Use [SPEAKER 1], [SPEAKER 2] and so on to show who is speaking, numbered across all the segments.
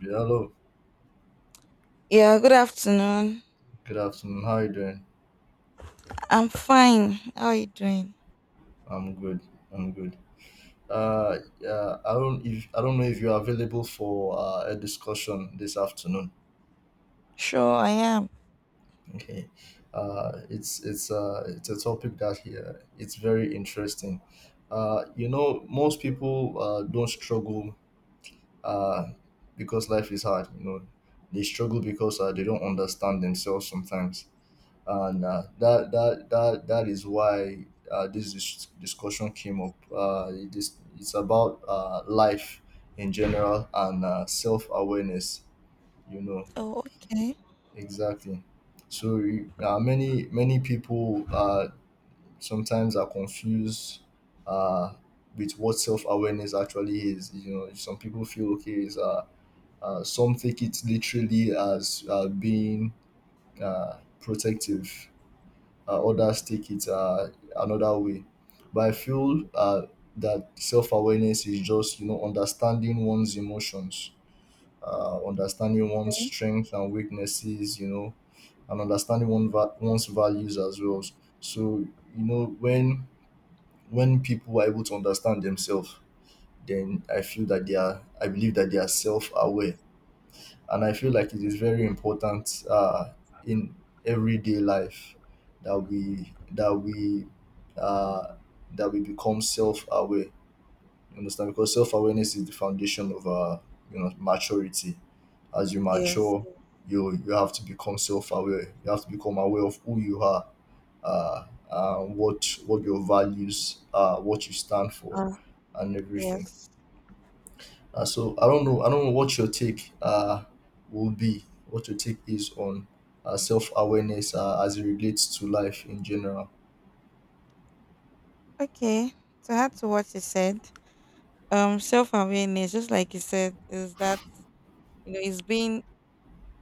[SPEAKER 1] Yeah, Hello,
[SPEAKER 2] Yeah, good afternoon.
[SPEAKER 1] good afternoon. How are you doing?
[SPEAKER 2] I'm fine. How are you doing?
[SPEAKER 1] I'm good. I'm good. I don't know if you're available for a discussion this afternoon.
[SPEAKER 2] Sure, I am.
[SPEAKER 1] Okay, it's a topic that here it's very interesting. Most people don't struggle uh because life is hard. You know, they struggle because they don't understand themselves sometimes, and that is why this discussion came up. It's about life in general and self awareness. You know.
[SPEAKER 2] Oh, okay.
[SPEAKER 1] Exactly. So many people sometimes are confused uh, with what self awareness actually is. You know, some people feel okay. Some take it literally as being protective, others take it another way. But I feel that self awareness is just, you know, understanding one's emotions, understanding one's strengths and weaknesses, you know, and understanding one's values as well. So, you know, when people are able to understand themselves, then I believe that they are self aware, and I feel like it is very important in everyday life that uh, we become self aware. You understand? Because self awareness is the foundation of you know, maturity. As you
[SPEAKER 2] Yes.
[SPEAKER 1] mature, you have to become self aware. You have to become aware of who you are, what your values are, what you stand for,
[SPEAKER 2] Uh,
[SPEAKER 1] and everything.
[SPEAKER 2] yes.
[SPEAKER 1] So I don't know. I don't know what your take will be. What your take is on self awareness as it relates to life in general.
[SPEAKER 2] Okay. So add to what you said. Self-awareness, just like you said, is that you know it's being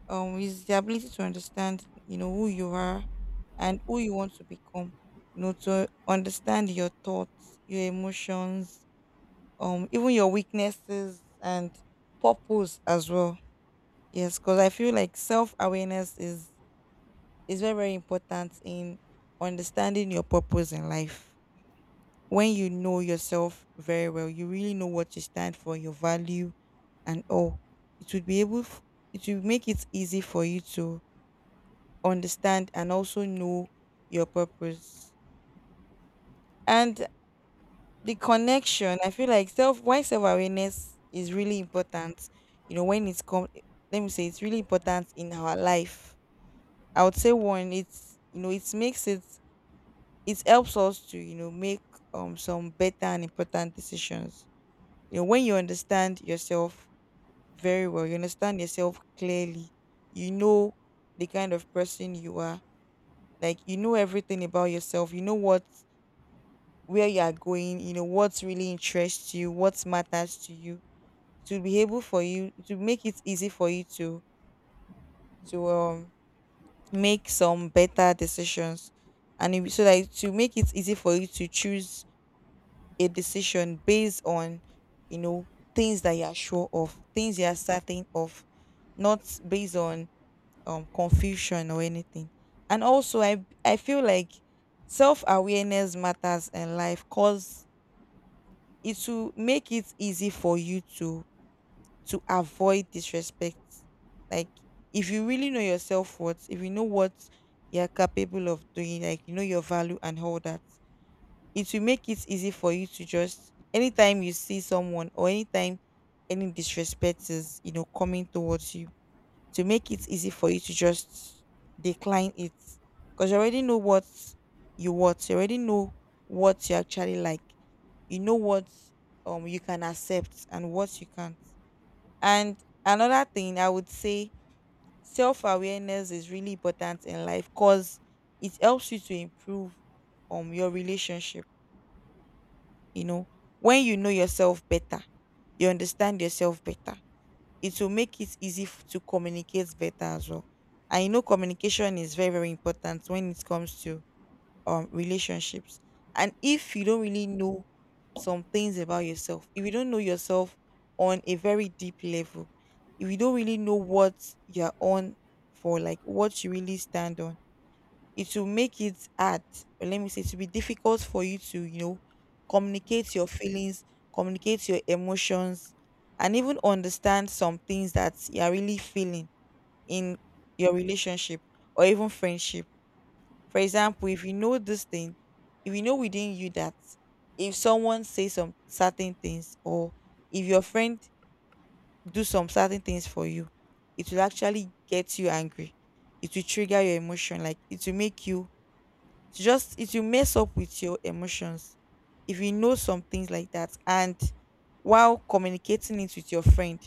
[SPEAKER 2] is the ability to understand you know who you are and who you want to become. You know, to understand your thoughts, your emotions, even your weaknesses and purpose as well. Yes, because I feel like self awareness is very very important in understanding your purpose in life. When you know yourself very well, you really know what you stand for, your value, and all. It would be able, it will make it easy for you to understand and also know your purpose and the connection. I feel like self awareness is really important. You know, when it's come, let me say it's really important in our life. I would say one, it's you know, it makes it, it helps us to, you know, make some better and important decisions. You know, when you understand yourself very well, you understand yourself clearly, you know the kind of person you are, like you know everything about yourself, you know what where you are going, you know what really interests you, what matters to you. To be able for you to make it easy for you to make some better decisions, and it, so that it to make it easy for you to choose a decision based on, you know, things that you are sure of, things you are certain of, not based on confusion or anything. And also I feel like self-awareness matters in life because it will make it easy for you to avoid disrespect. Like if you really know your self worth, if you know what you're capable of doing, like you know your value and all that, it will make it easy for you to just anytime you see someone or anytime any disrespect is, you know, coming towards you, to make it easy for you to just decline it. Because you already know what you want, you already know what you actually like. You know what you can accept and what you can't. And another thing I would say, self awareness is really important in life because it helps you to improve your relationship. You know, when you know yourself better, you understand yourself better. It will make it easy to communicate better as well. And you know communication is very, very important when it comes to relationships. And if you don't really know some things about yourself, if you don't know yourself on a very deep level, if you don't really know what you're on for, like what you really stand on, it will make it hard, or let me say, it will be difficult for you to, you know, communicate your feelings, communicate your emotions, and even understand some things that you're really feeling in your relationship or even friendship. For example, if you know this thing, if you know within you that if someone says some certain things or if your friend do some certain things for you, it will actually get you angry. It will trigger your emotion, like it will make you, it will mess up with your emotions if you know some things like that. And while communicating it with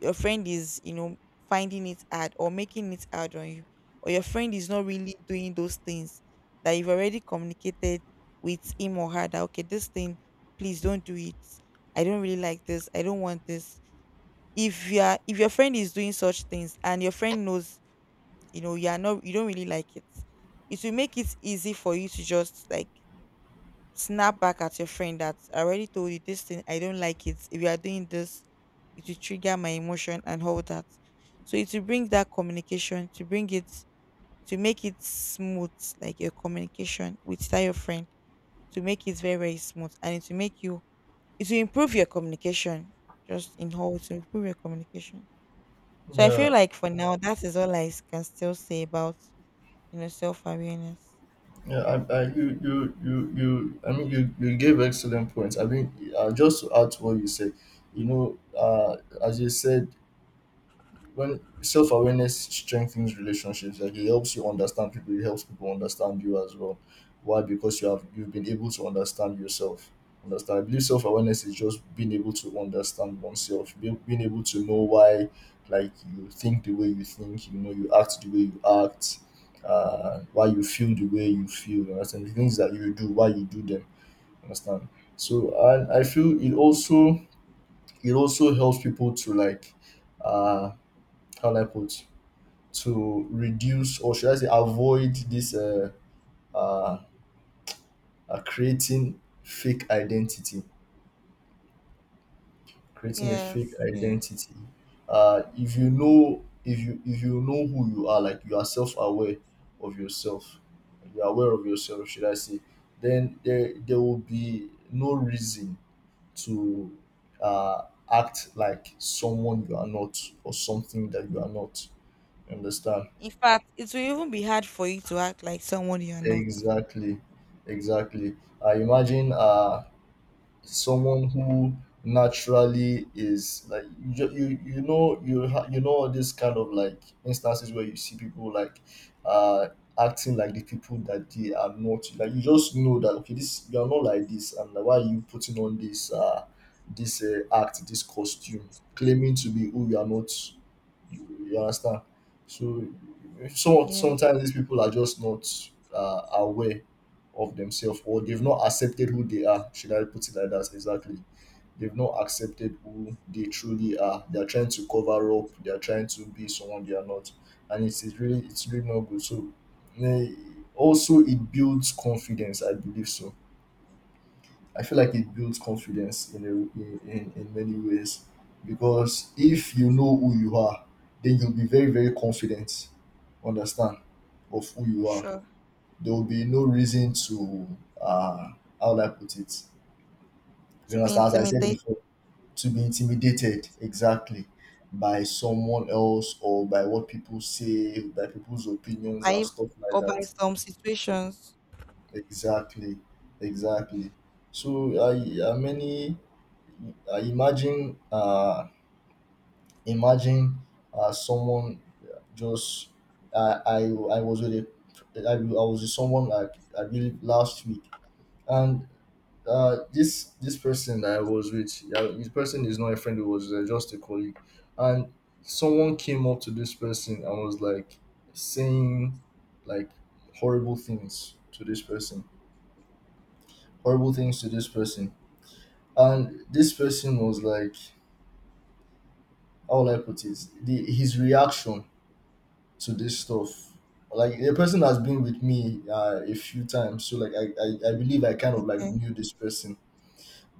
[SPEAKER 2] your friend is, you know, finding it hard or making it hard on you, or your friend is not really doing those things that you've already communicated with him or her that okay, this thing, please don't do it. I don't really like this. I don't want this. If you are, if your friend is doing such things and your friend knows, you know, you are not, you don't really like it will make it easy for you to just like snap back at your friend that I already told you this thing, I don't like it, if you are doing this it will trigger my emotion and all that. So it will bring that communication, to bring it to make it smooth, like your communication with that your friend, to make it very very smooth, and it will make you, it will improve your communication, just in whole to improve your communication. So I feel
[SPEAKER 1] Yeah,
[SPEAKER 2] like for now that is all I can still say about, you know, self awareness.
[SPEAKER 1] yeah. I, you, you, you, you. I mean, you gave excellent points. I mean, just to add to what you said, you know, uh, as you said, when self-awareness strengthens relationships, like, it helps you understand people, it helps people understand you as well. Why? Because you've been able to understand yourself. Understand I believe self-awareness is just being able to understand oneself, being able to know why, like, you think the way you think, you know, you act the way you act, why you feel the way you feel. You understand the things that you do, why you do them. Understand? So, and I feel it also, it also helps people to, like, uh how do I put to reduce, or should I say, avoid this uh, creating fake identity. Creating a fake
[SPEAKER 2] Yes. Yes.
[SPEAKER 1] identity. If you know, if you know who you are, like, you are self aware of yourself, you are aware of yourself, should I say, then there will be no reason to uh, act like someone you are not, or something that you are not. You understand?
[SPEAKER 2] In fact, it will even be hard for you to act like someone you are not.
[SPEAKER 1] Exactly, exactly. I imagine someone who naturally is like, you you know, you know, all these kind of like instances where you see people like uh acting like the people that they are not, like, you just know that, okay, this, you are not like this. And like, why are you putting on this act, this costume, claiming to be who you are not? You understand? So
[SPEAKER 2] Yes.
[SPEAKER 1] sometimes these people are just not aware of themselves, or they've not accepted who they are. Should I put it like that? Exactly. They've not accepted who they truly are. They are trying to cover up. They are trying to be someone they are not, and it's really not good. So, eh, also it builds confidence. I believe so. I feel like it builds confidence in, in many ways, because if you know who you are, then you'll be very, very confident, understand, of who you are.
[SPEAKER 2] Sure.
[SPEAKER 1] There will be no reason to, uh, how would I put it? You
[SPEAKER 2] To be
[SPEAKER 1] understand, as I said
[SPEAKER 2] intimidated
[SPEAKER 1] before, to be intimidated, exactly, by someone else, or by what people say, by people's opinions and
[SPEAKER 2] by,
[SPEAKER 1] stuff like
[SPEAKER 2] or by
[SPEAKER 1] that.
[SPEAKER 2] some situations.
[SPEAKER 1] Exactly, exactly. So I, I many, I imagine, imagine, someone just, I was with a, I was with someone like, I believe, last week, and this person that I was with, yeah, this person is not a friend. It was just a colleague, and someone came up to this person and was like saying, like, horrible things to this person, horrible things to this person. And this person was like, how will I put it? His reaction to this stuff. Like, the person has been with me a few times, so like, I believe I kind of like
[SPEAKER 2] Okay.
[SPEAKER 1] knew this person.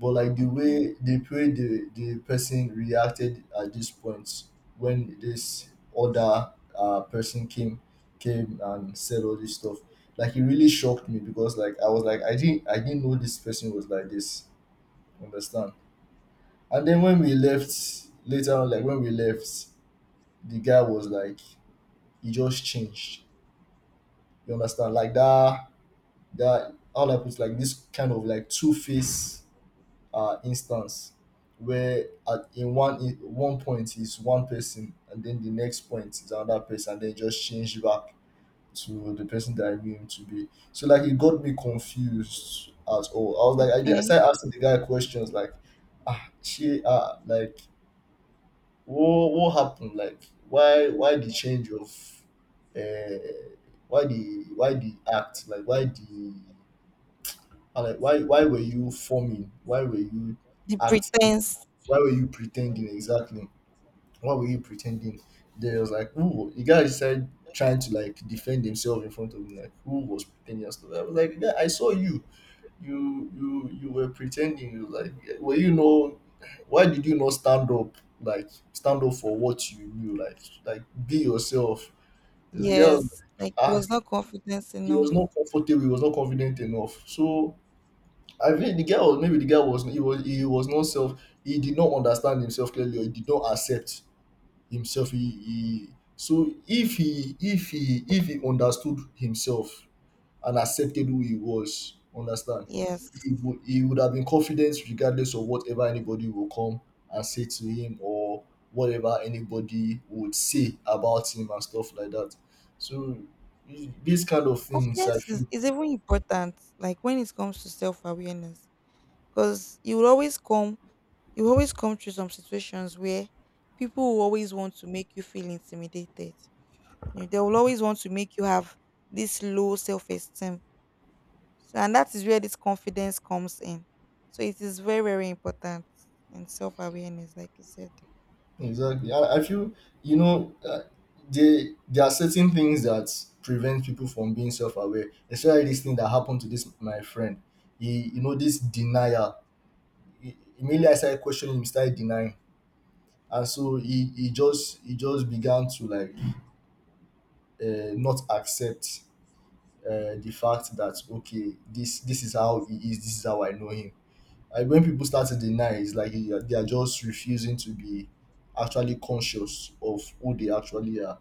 [SPEAKER 1] But like,
[SPEAKER 2] Okay.
[SPEAKER 1] the person reacted at this point, when this other person came and said all this stuff, like, it really shocked me, because like, I was like, I didn't know this person was like this. Understand? And then when we left later on, like, when we left, the guy was like, he just changed. You understand? Like that, that, how do I put it? Like this kind of like two face instance where at in one point is one person, and then the next point is another person, and then it just change back to the person that I knew him to be. So like, it got me confused at all. I was like, I
[SPEAKER 2] Okay.
[SPEAKER 1] started asking the guy questions like, ah, she ah like, what happened, like, why the change of uh why the act, like, why the like, why were you forming, why were you
[SPEAKER 2] The
[SPEAKER 1] acting,
[SPEAKER 2] pretense.
[SPEAKER 1] why were you pretending, exactly, why were you pretending. There was like, who the guy started trying to like defend himself in front of me like, who was pretending, and stuff. I was like, yeah, I saw you, you were pretending, you, like, were, you know, why did you not stand up, like, stand up for what you knew, like, be yourself. The girl
[SPEAKER 2] Yes. Like it
[SPEAKER 1] ah
[SPEAKER 2] was not confidence
[SPEAKER 1] He was
[SPEAKER 2] enough.
[SPEAKER 1] not comfortable, he was not confident enough. So I think, the girl maybe the girl was he was, he was not self, he did not understand himself clearly, or he did not accept himself. He So if he understood himself and accepted who he was. Understand?
[SPEAKER 2] Yes.
[SPEAKER 1] He would have been confident regardless of whatever anybody will come and say to him, or whatever anybody would say about him and stuff like that. So these kind of things, I
[SPEAKER 2] Confidence
[SPEAKER 1] feel,
[SPEAKER 2] is even important, like when it comes to self awareness. Because you will always come, you will always come through some situations where people will always want to make you feel intimidated. You know, they will always want to make you have this low self esteem. So, and that is where this confidence comes in. So, it is very, very important in self awareness, like you said.
[SPEAKER 1] exactly. I feel, you know, they there are certain things that prevent people from being self-aware, especially this thing that happened to this my friend. He, you know, this denial. Immediately I started questioning him, started denying, and so he just began to like not accept the fact that, okay, this is how he is, this is how I know him. Like, when people start to deny, it's like they are just refusing to be actually conscious of who they actually are.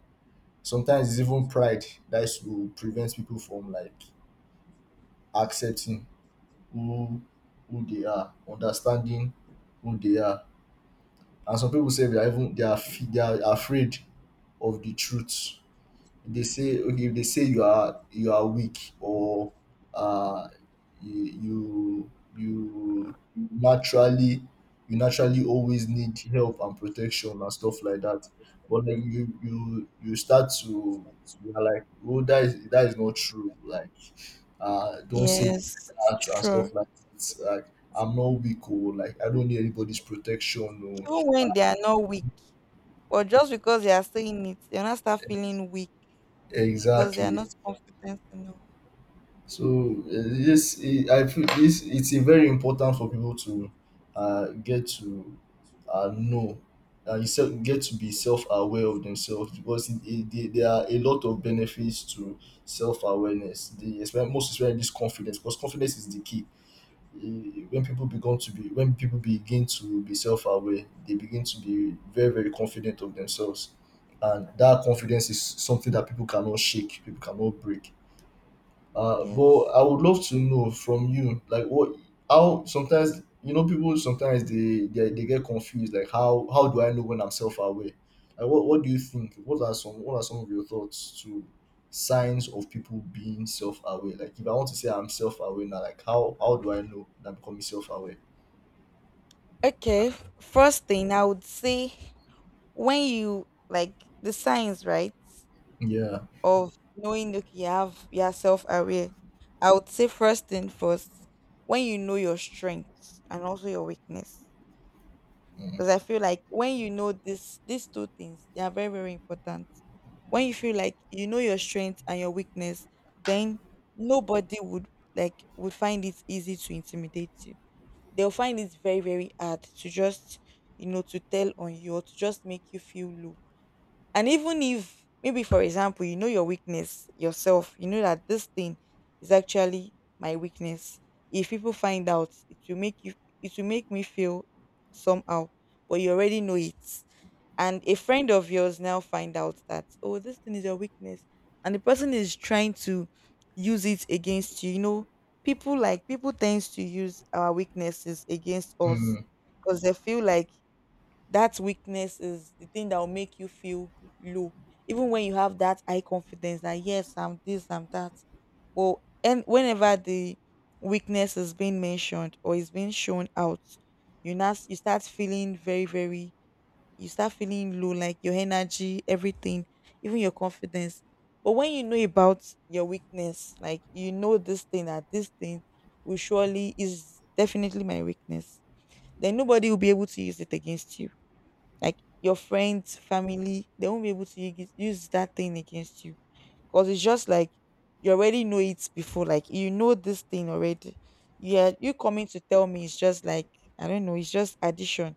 [SPEAKER 1] Sometimes it's even pride that is to prevent people from like accepting who who they are, understanding who they are. And some people say they are even they are afraid of the truth. They say, okay, if they say you are, you are weak, or uh you you you naturally, you naturally always need help and protection and stuff like that. But like, you start to, you are like, oh, that is, that is not true, like, don't say it
[SPEAKER 2] Yes,
[SPEAKER 1] like that and stuff.
[SPEAKER 2] sure.
[SPEAKER 1] Like, it's like, I'm not weak, or like, I don't need anybody's protection, or
[SPEAKER 2] Even when they are not weak, or just because they are still in it, they'll not start feeling weak because they are
[SPEAKER 1] exactly.
[SPEAKER 2] not confident enough.
[SPEAKER 1] So yes, I feel this, it's a very important for people to get to know and get to be self-aware of themselves, because it, there are a lot of benefits to self-awareness. The most especially this confidence, because confidence is the key. When people begin to be, when people begin to be self-aware, they begin to be very very confident of themselves, and that confidence is something that people cannot shake, people cannot break. But I
[SPEAKER 2] Yes.
[SPEAKER 1] would love to know from you, like, what, how sometimes, you know, people sometimes they get confused, like, how do I know when I'm self aware? Like, what do you think? What are some, what are some of your thoughts to signs of people being self aware? Like, if I want to say I'm self aware now, like, how do I know that I'm becoming self aware?
[SPEAKER 2] Okay. First thing I would say, when you like the signs, right?
[SPEAKER 1] Yeah.
[SPEAKER 2] Of knowing okay you have, you are self aware, I would say first thing first, when you know your strengths and also your weakness, because I feel like when you know this these two things, they are very very important. When you feel like you know your strength and your weakness, then nobody would, like, would find it easy to intimidate you. They'll find it very very hard to just, you know, to tell on you or to just make you feel low. And even if, maybe for example, you know your weakness yourself, you know that this thing is actually my weakness. If people find out, it will make you, it will make me feel somehow, but you already know it. And a friend of yours now find out that, oh, this thing is your weakness. And the person is trying to use it against you. You know, people like, people tends to use our weaknesses against us
[SPEAKER 1] Mm.
[SPEAKER 2] because they feel like that weakness is the thing that will make you feel low even when you have that high confidence that yes I'm this, I'm that. Well, and whenever the weakness is being mentioned or is being shown out, you now you start feeling very very, you start feeling low like your energy, everything, even your confidence. But when you know about your weakness, like you know this thing, that this thing will surely is definitely my weakness, then nobody will be able to use it against you, like your friends, family, they won't be able to use that thing against you, because it's just like you already know it before. Like you know this thing already. Yeah, you coming to tell me, it's just like, I don't know, it's just addition.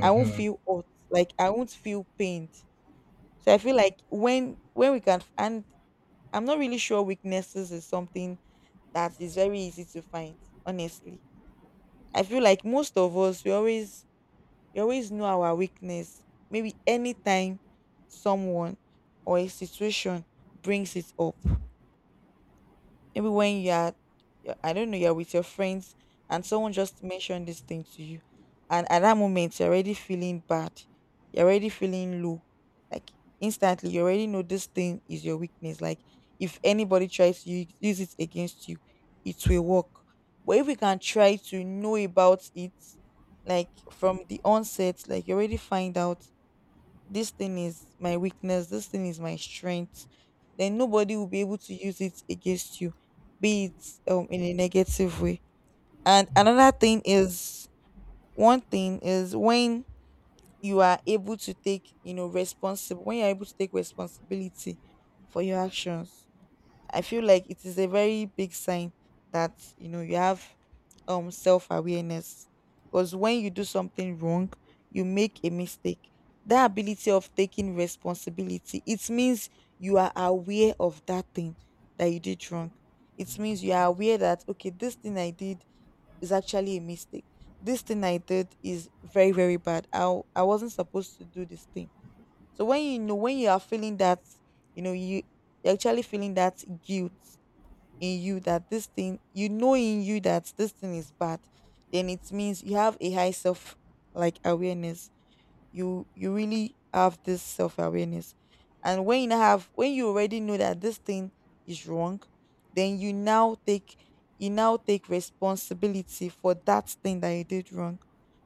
[SPEAKER 2] I won't feel hurt. Like I won't feel pained. So I feel like when we can, and I'm not really sure weaknesses is something that is very easy to find. Honestly, I feel like most of us, we always, we always know our weakness. Maybe anytime someone or a situation brings it up, maybe when I don't know, you're with your friends, and someone just mentioned this thing to you, and at that moment you're already feeling bad, you're already feeling low, like instantly you already know this thing is your weakness. Like if anybody tries to use it against you, it will work. But if we can try to know about it, like from the onset, like you already find out this thing is my weakness, this thing is my strength, then nobody will be able to use it against you, be it in a negative way. And another thing is, one thing is when you are able to take, you know, responsible when you're able to take responsibility for your actions, I feel like it is a very big sign that you know you have self awareness. Because when you do something wrong, you make a mistake, that ability of taking responsibility, it means you are aware of that thing that you did wrong. It means you are aware that okay, this thing I did is actually a mistake. This thing I did is very very bad. I wasn't supposed to do this thing. So when you are feeling that, you know you you're actually feeling that guilt in you that this thing, in you that this thing is bad, then it means you have a high self like awareness. You really have this self awareness. And when you have, when you already know that this thing is wrong, then you now take responsibility for that thing that you did wrong.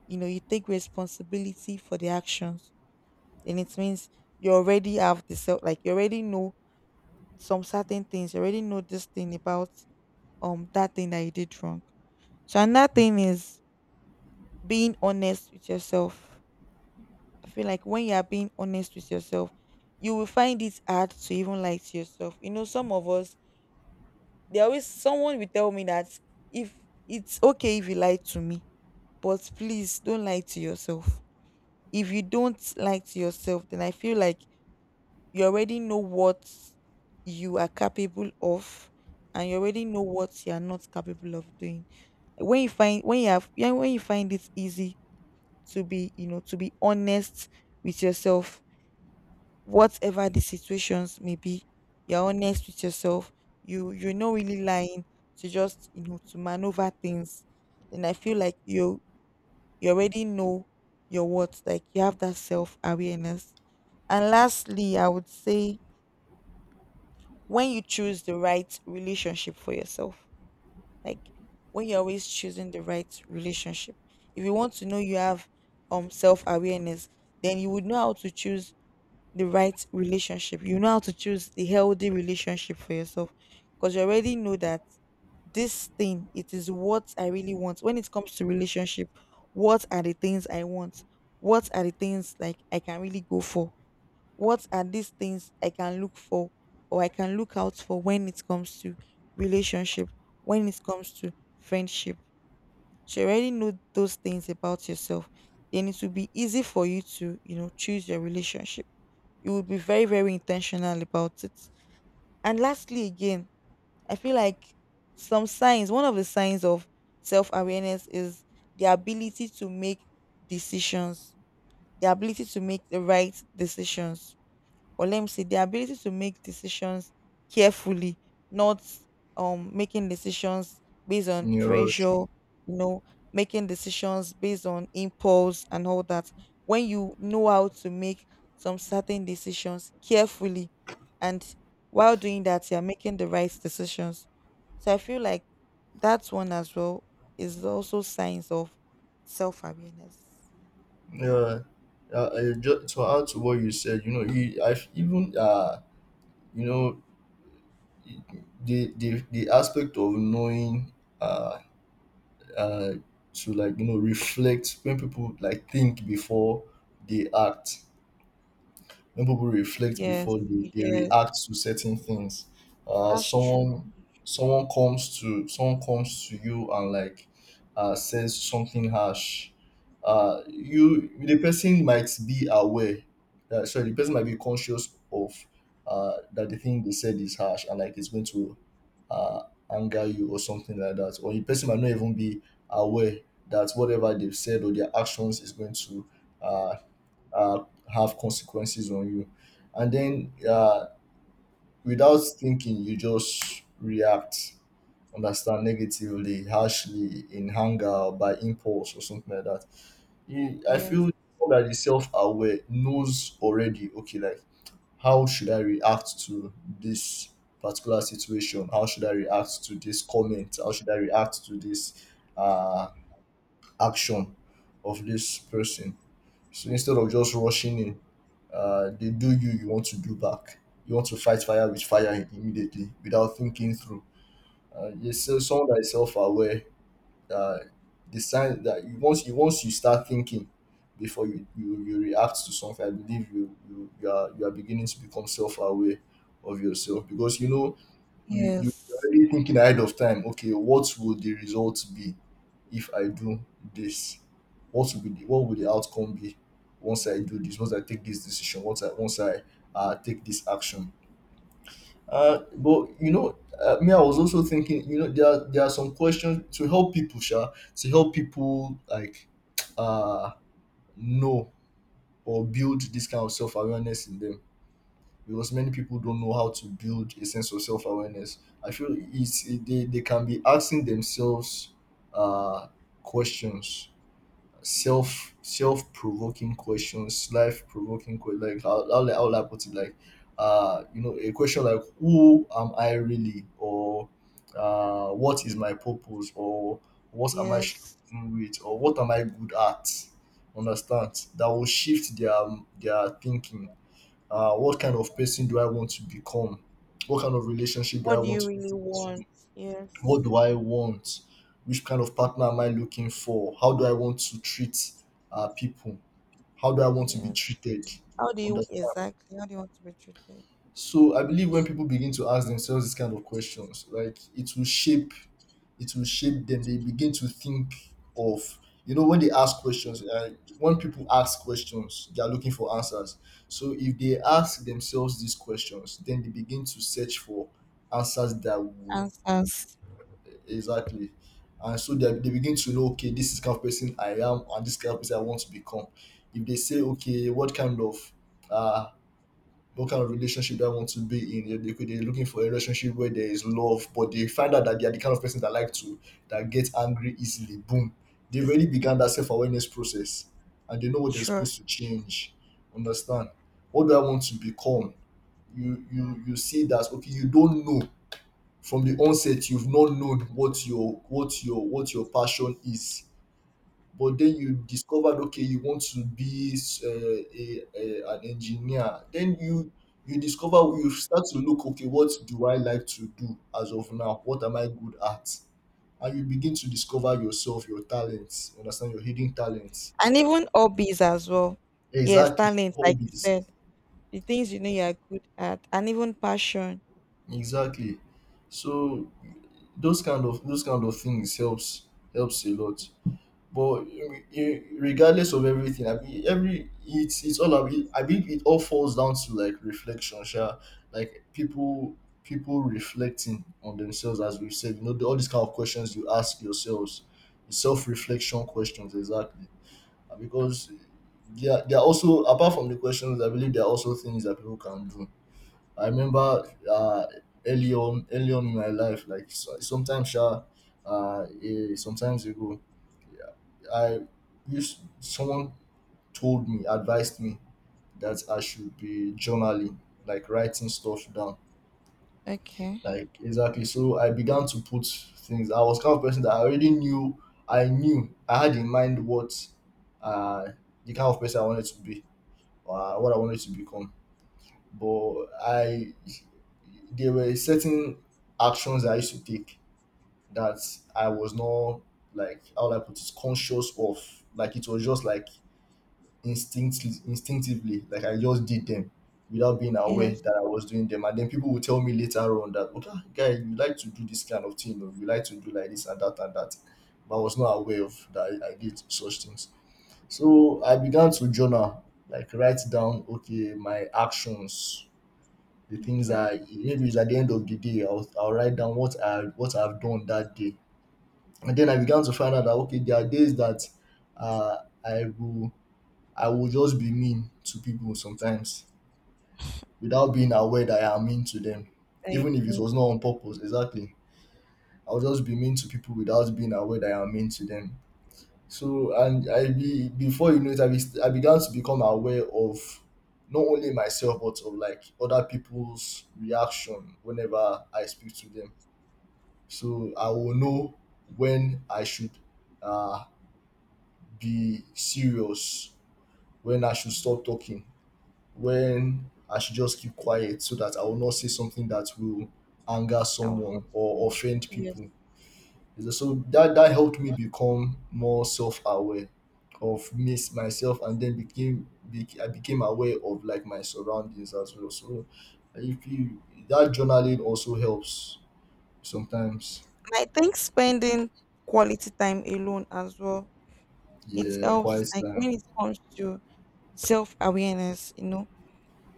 [SPEAKER 2] You know you take responsibility for the actions. And it means you already have the self like you already know some certain things, you already know this thing about that thing that you did wrong. So another thing is being honest with yourself. I feel like when you are being honest with yourself, you will find it hard to even lie to yourself. You know, some of us, they always someone will tell me that, if it's okay if you lie to me, but please don't lie to yourself. If you don't lie to yourself, then I feel like you already know what you are capable of, and you already know what you are not capable of doing. When you have, yeah, when you find it easy to be, to be honest with yourself, whatever the situations may be, you're honest with yourself. You're not really lying to just, to maneuver things, then I feel like you already know your worth. Like you have that self-awareness. And lastly, I would say, when you choose the right relationship for yourself, like when you're always choosing the right relationship. If you want to know you have self-awareness, then you would know how to choose the right relationship. You know how to choose the healthy relationship for yourself, because you already know that this thing, it is what I really want when it comes to relationship. What are the things I want? What are the things like I can really go for? What are these things I can look for or I can look out for when it comes to relationship, when it comes to friendship? So you already know those things about yourself. Then it will be easy for you to, you know, choose your relationship. You will be very, very intentional about it. And lastly, again, I feel like some signs, one of the signs of self awareness is the ability to make decisions, the ability to make the right decisions. Or let me say the ability to make decisions carefully, not making decisions based on
[SPEAKER 1] Yeah,
[SPEAKER 2] pressure,
[SPEAKER 1] Rosh.
[SPEAKER 2] you know, making decisions based on impulse and all that. When you know how to make some certain decisions carefully, and while doing that you're making the right decisions. So I feel like that one as well is also signs of self awareness.
[SPEAKER 1] Yeah. I just to add to what you said, you know, I've even you know, the aspect of knowing uh uh to, like, you know, reflect when people like think before they act, when people reflect
[SPEAKER 2] Yes,
[SPEAKER 1] before they
[SPEAKER 2] yes,
[SPEAKER 1] react to certain things. uh
[SPEAKER 2] that's true.
[SPEAKER 1] someone someone comes to you and like says something harsh. You, the person might be aware, sorry, the person might be conscious of that the thing they said is harsh and like it's going to uh anger you or something like that, or the person might not even be aware that whatever they've said or their actions is going to uh uh, have consequences on you. And then without thinking, you just react, understand, negatively, harshly, in anger, or by impulse, or something like that. I
[SPEAKER 2] Yes,
[SPEAKER 1] feel that the self aware knows already, okay, like how should I react to this particular situation? How should I react to this comment? How should I react to this uh, action of this person? So instead of just rushing in, they do, you want to do back. You want to fight fire with fire immediately without thinking through. Yes, so someone that is self-aware, uh, the sign that you once you once you start thinking before you react to something, I believe you, you you are beginning to become self-aware of yourself, because you know you you are
[SPEAKER 2] yes.
[SPEAKER 1] already thinking ahead of time, okay, what would the results be if I do this, what will the outcome be once I do this, once I take this decision, once I take this action. But you know, me, I was also thinking, you know, there are some questions to help people, to help people like uh know or build this kind of self-awareness in them, because many people don't know how to build a sense of self awareness. I feel they can be asking themselves uh, questions, self provoking questions, life provoking questions. Like how will I put it? Like a question like who am I really, or what is my purpose, or what am I
[SPEAKER 2] Yes.
[SPEAKER 1] struggling with, or what am I good at? Understand, that will shift their thinking. What kind of person do I want to become? What kind of relationship do
[SPEAKER 2] What
[SPEAKER 1] I
[SPEAKER 2] do
[SPEAKER 1] want
[SPEAKER 2] you
[SPEAKER 1] to
[SPEAKER 2] really
[SPEAKER 1] get
[SPEAKER 2] want?
[SPEAKER 1] into?
[SPEAKER 2] Yes.
[SPEAKER 1] What do I want? Which kind of partner am I looking for? How do I want to treat people? How do I want to be
[SPEAKER 2] Yes.
[SPEAKER 1] treated?
[SPEAKER 2] How do you
[SPEAKER 1] Understand?
[SPEAKER 2] exactly? How do you want to be treated?
[SPEAKER 1] So I believe when people begin to ask themselves these kind of questions, like it will shape, it will shape them. They begin to think of, you know, when they ask questions, when people ask questions, they are looking for answers. So if they ask themselves these questions, then they begin to search for answers that will,
[SPEAKER 2] Answers.
[SPEAKER 1] exactly. And so they begin to know, okay, this is kind of person I am and this kind of person I want to become. If they say, okay, uh, what kind of relationship do I want to be in? They are looking for a relationship where there is love, but they find out that they are the kind of person that like to that gets angry easily. Boom, they've
[SPEAKER 2] It's
[SPEAKER 1] already began that self awareness process, and they know what they're
[SPEAKER 2] sure.
[SPEAKER 1] supposed to change. Understand? What do I want to become? You see that, okay? You don't know from the onset. You've not known what your passion is, but then you discovered, okay, you want to be a an engineer. Then You discover, you start to look, okay, what do I like to do as of now, what am I good at, and you begin to discover yourself, your talents, you understand, your hidden talents,
[SPEAKER 2] And even hobbies as well. Yes,
[SPEAKER 1] exactly, your
[SPEAKER 2] talents, like you
[SPEAKER 1] hobbies,
[SPEAKER 2] said. The things you know you are good at. And even passion.
[SPEAKER 1] exactly. So those kind of things helps, helps a lot. But regardless of everything, I mean, every it's all, I mean it all falls down to like reflection, sure. Like people reflecting on themselves, as we've said, you know, all these kind of questions you ask yourselves, self reflection questions, exactly. Because there are also, apart from the questions, I believe there are also things that people can do. I remember early on in my life, like so, sometimes, sure, sometimes ago. I used Someone told me, advised me that I should be journaling, like writing stuff down.
[SPEAKER 2] Okay.
[SPEAKER 1] Like, exactly. So I began to put things. I was kind of person that I already knew, I knew I had in mind what uh the kind of person I wanted to be or what I wanted to become. But I there were certain actions I used to take that I was not, like how would I put it, conscious of. Like it was just like instinctively like I just did them without being aware
[SPEAKER 2] Yes.
[SPEAKER 1] that I was doing them, and then people will tell me later on that, okay, guy, you like to do this kind of thing or you like to do like this and that and that, but I was not aware of that, I did such things. So I began to journal, like write down, okay, my actions, the things
[SPEAKER 2] Okay.
[SPEAKER 1] I maybe it's at the end of the day I'll write down what I've done that day. And then I began to find out that, okay, there are days that uh, i will I will just be mean to people sometimes without being aware that I am mean to them,
[SPEAKER 2] I
[SPEAKER 1] even if it
[SPEAKER 2] mean,
[SPEAKER 1] was not on purpose. Exactly. I'll just be mean to people without being aware that I am mean to them. So, and I be before you know it, I began to become aware of not only myself but of like other people's reaction whenever I speak to them. So I will know when I should uh, be serious, when I should stop talking, when I should just keep quiet so that I will not say something that will anger
[SPEAKER 2] I would
[SPEAKER 1] someone
[SPEAKER 2] hope so.
[SPEAKER 1] or offend
[SPEAKER 2] Yes.
[SPEAKER 1] people. So that that helped me become more self-aware of me myself, and then I became aware of like my surroundings as well. So if you that journaling also helps sometimes.
[SPEAKER 2] And I think spending quality time alone as well. It
[SPEAKER 1] Yeah,
[SPEAKER 2] helps
[SPEAKER 1] quiet
[SPEAKER 2] like
[SPEAKER 1] time.
[SPEAKER 2] when it comes to self awareness, you know.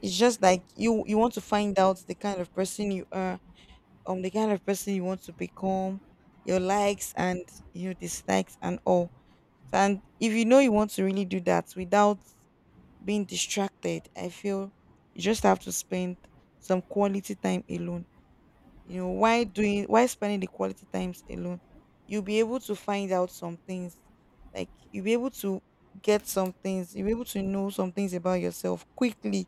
[SPEAKER 2] It's just like you want to find out the kind of person you are, the kind of person you want to become, your likes and your dislikes and all. And if you know you want to really do that without being distracted, I feel you just have to spend some quality time alone. You know, why spending the quality times alone? You'll be able to find out some things. Like you'll be able to get some things, you'll be able to know some things about yourself quickly.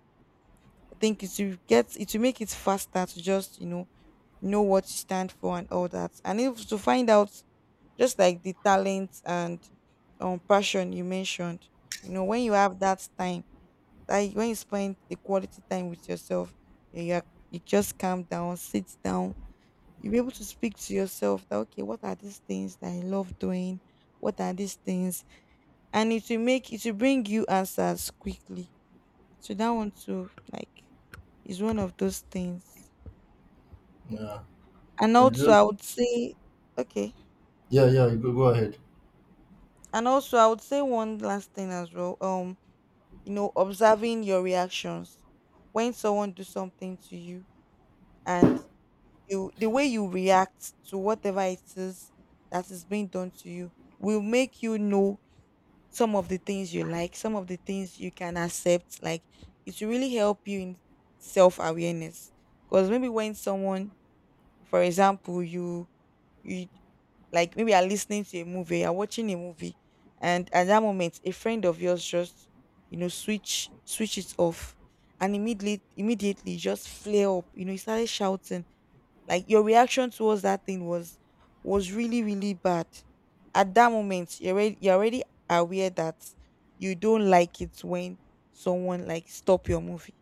[SPEAKER 2] Think it will get, it will make it faster to just, you know what you stand for and all that. And if to find out, just like the talent and passion you mentioned, you know when you have that time, that when you spend the quality time with yourself, you just calm down, sit down, you be able to speak to yourself that, okay, what are these things that I love doing, what are these things, and it will make, it will bring you answers quickly. So that one too, like, is one of those things.
[SPEAKER 1] Yeah,
[SPEAKER 2] And
[SPEAKER 1] and you
[SPEAKER 2] also,
[SPEAKER 1] just,
[SPEAKER 2] I would say, okay.
[SPEAKER 1] yeah, yeah. You go ahead.
[SPEAKER 2] And also, I would say one last thing as well. You know, observing your reactions when someone do something to you, and you, the way you react to whatever it is that is being done to you, will make you know some of the things you like, some of the things you can accept. Like it will really help you in self awareness. Because maybe when someone, for example, you like maybe you're listening to a movie, you're watching a movie, and at that moment, a friend of yours just, you know, switch it off, and immediately you just flare up. You know, you started shouting. Like your reaction towards that thing was really, really bad. At that moment, you're already aware that you don't like it when someone like stop your movie.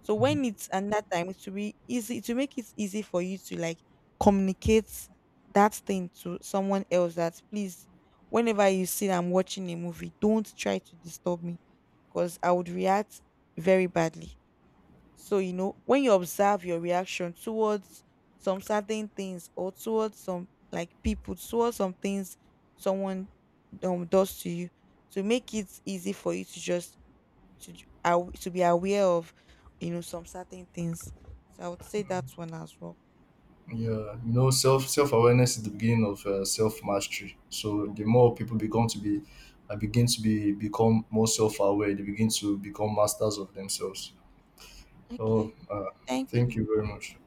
[SPEAKER 2] So when it's another time, it will be easy to make it easy for you to like communicate that thing to someone else that, please, whenever you see that I'm watching a movie, don't try to disturb me because I would react very badly. So, you know, when you observe your reaction towards some certain things, or towards some like people, towards some things someone, does to you, to make it easy for you to just to be aware of, you know, some certain things. So I would say that one as well.
[SPEAKER 1] Yeah, you know, self awareness is the beginning of self mastery. So the more people become to be, begin to be become more self aware, they begin to become masters of themselves. Oh,
[SPEAKER 2] Okay, thank
[SPEAKER 1] thank you
[SPEAKER 2] you.
[SPEAKER 1] very much.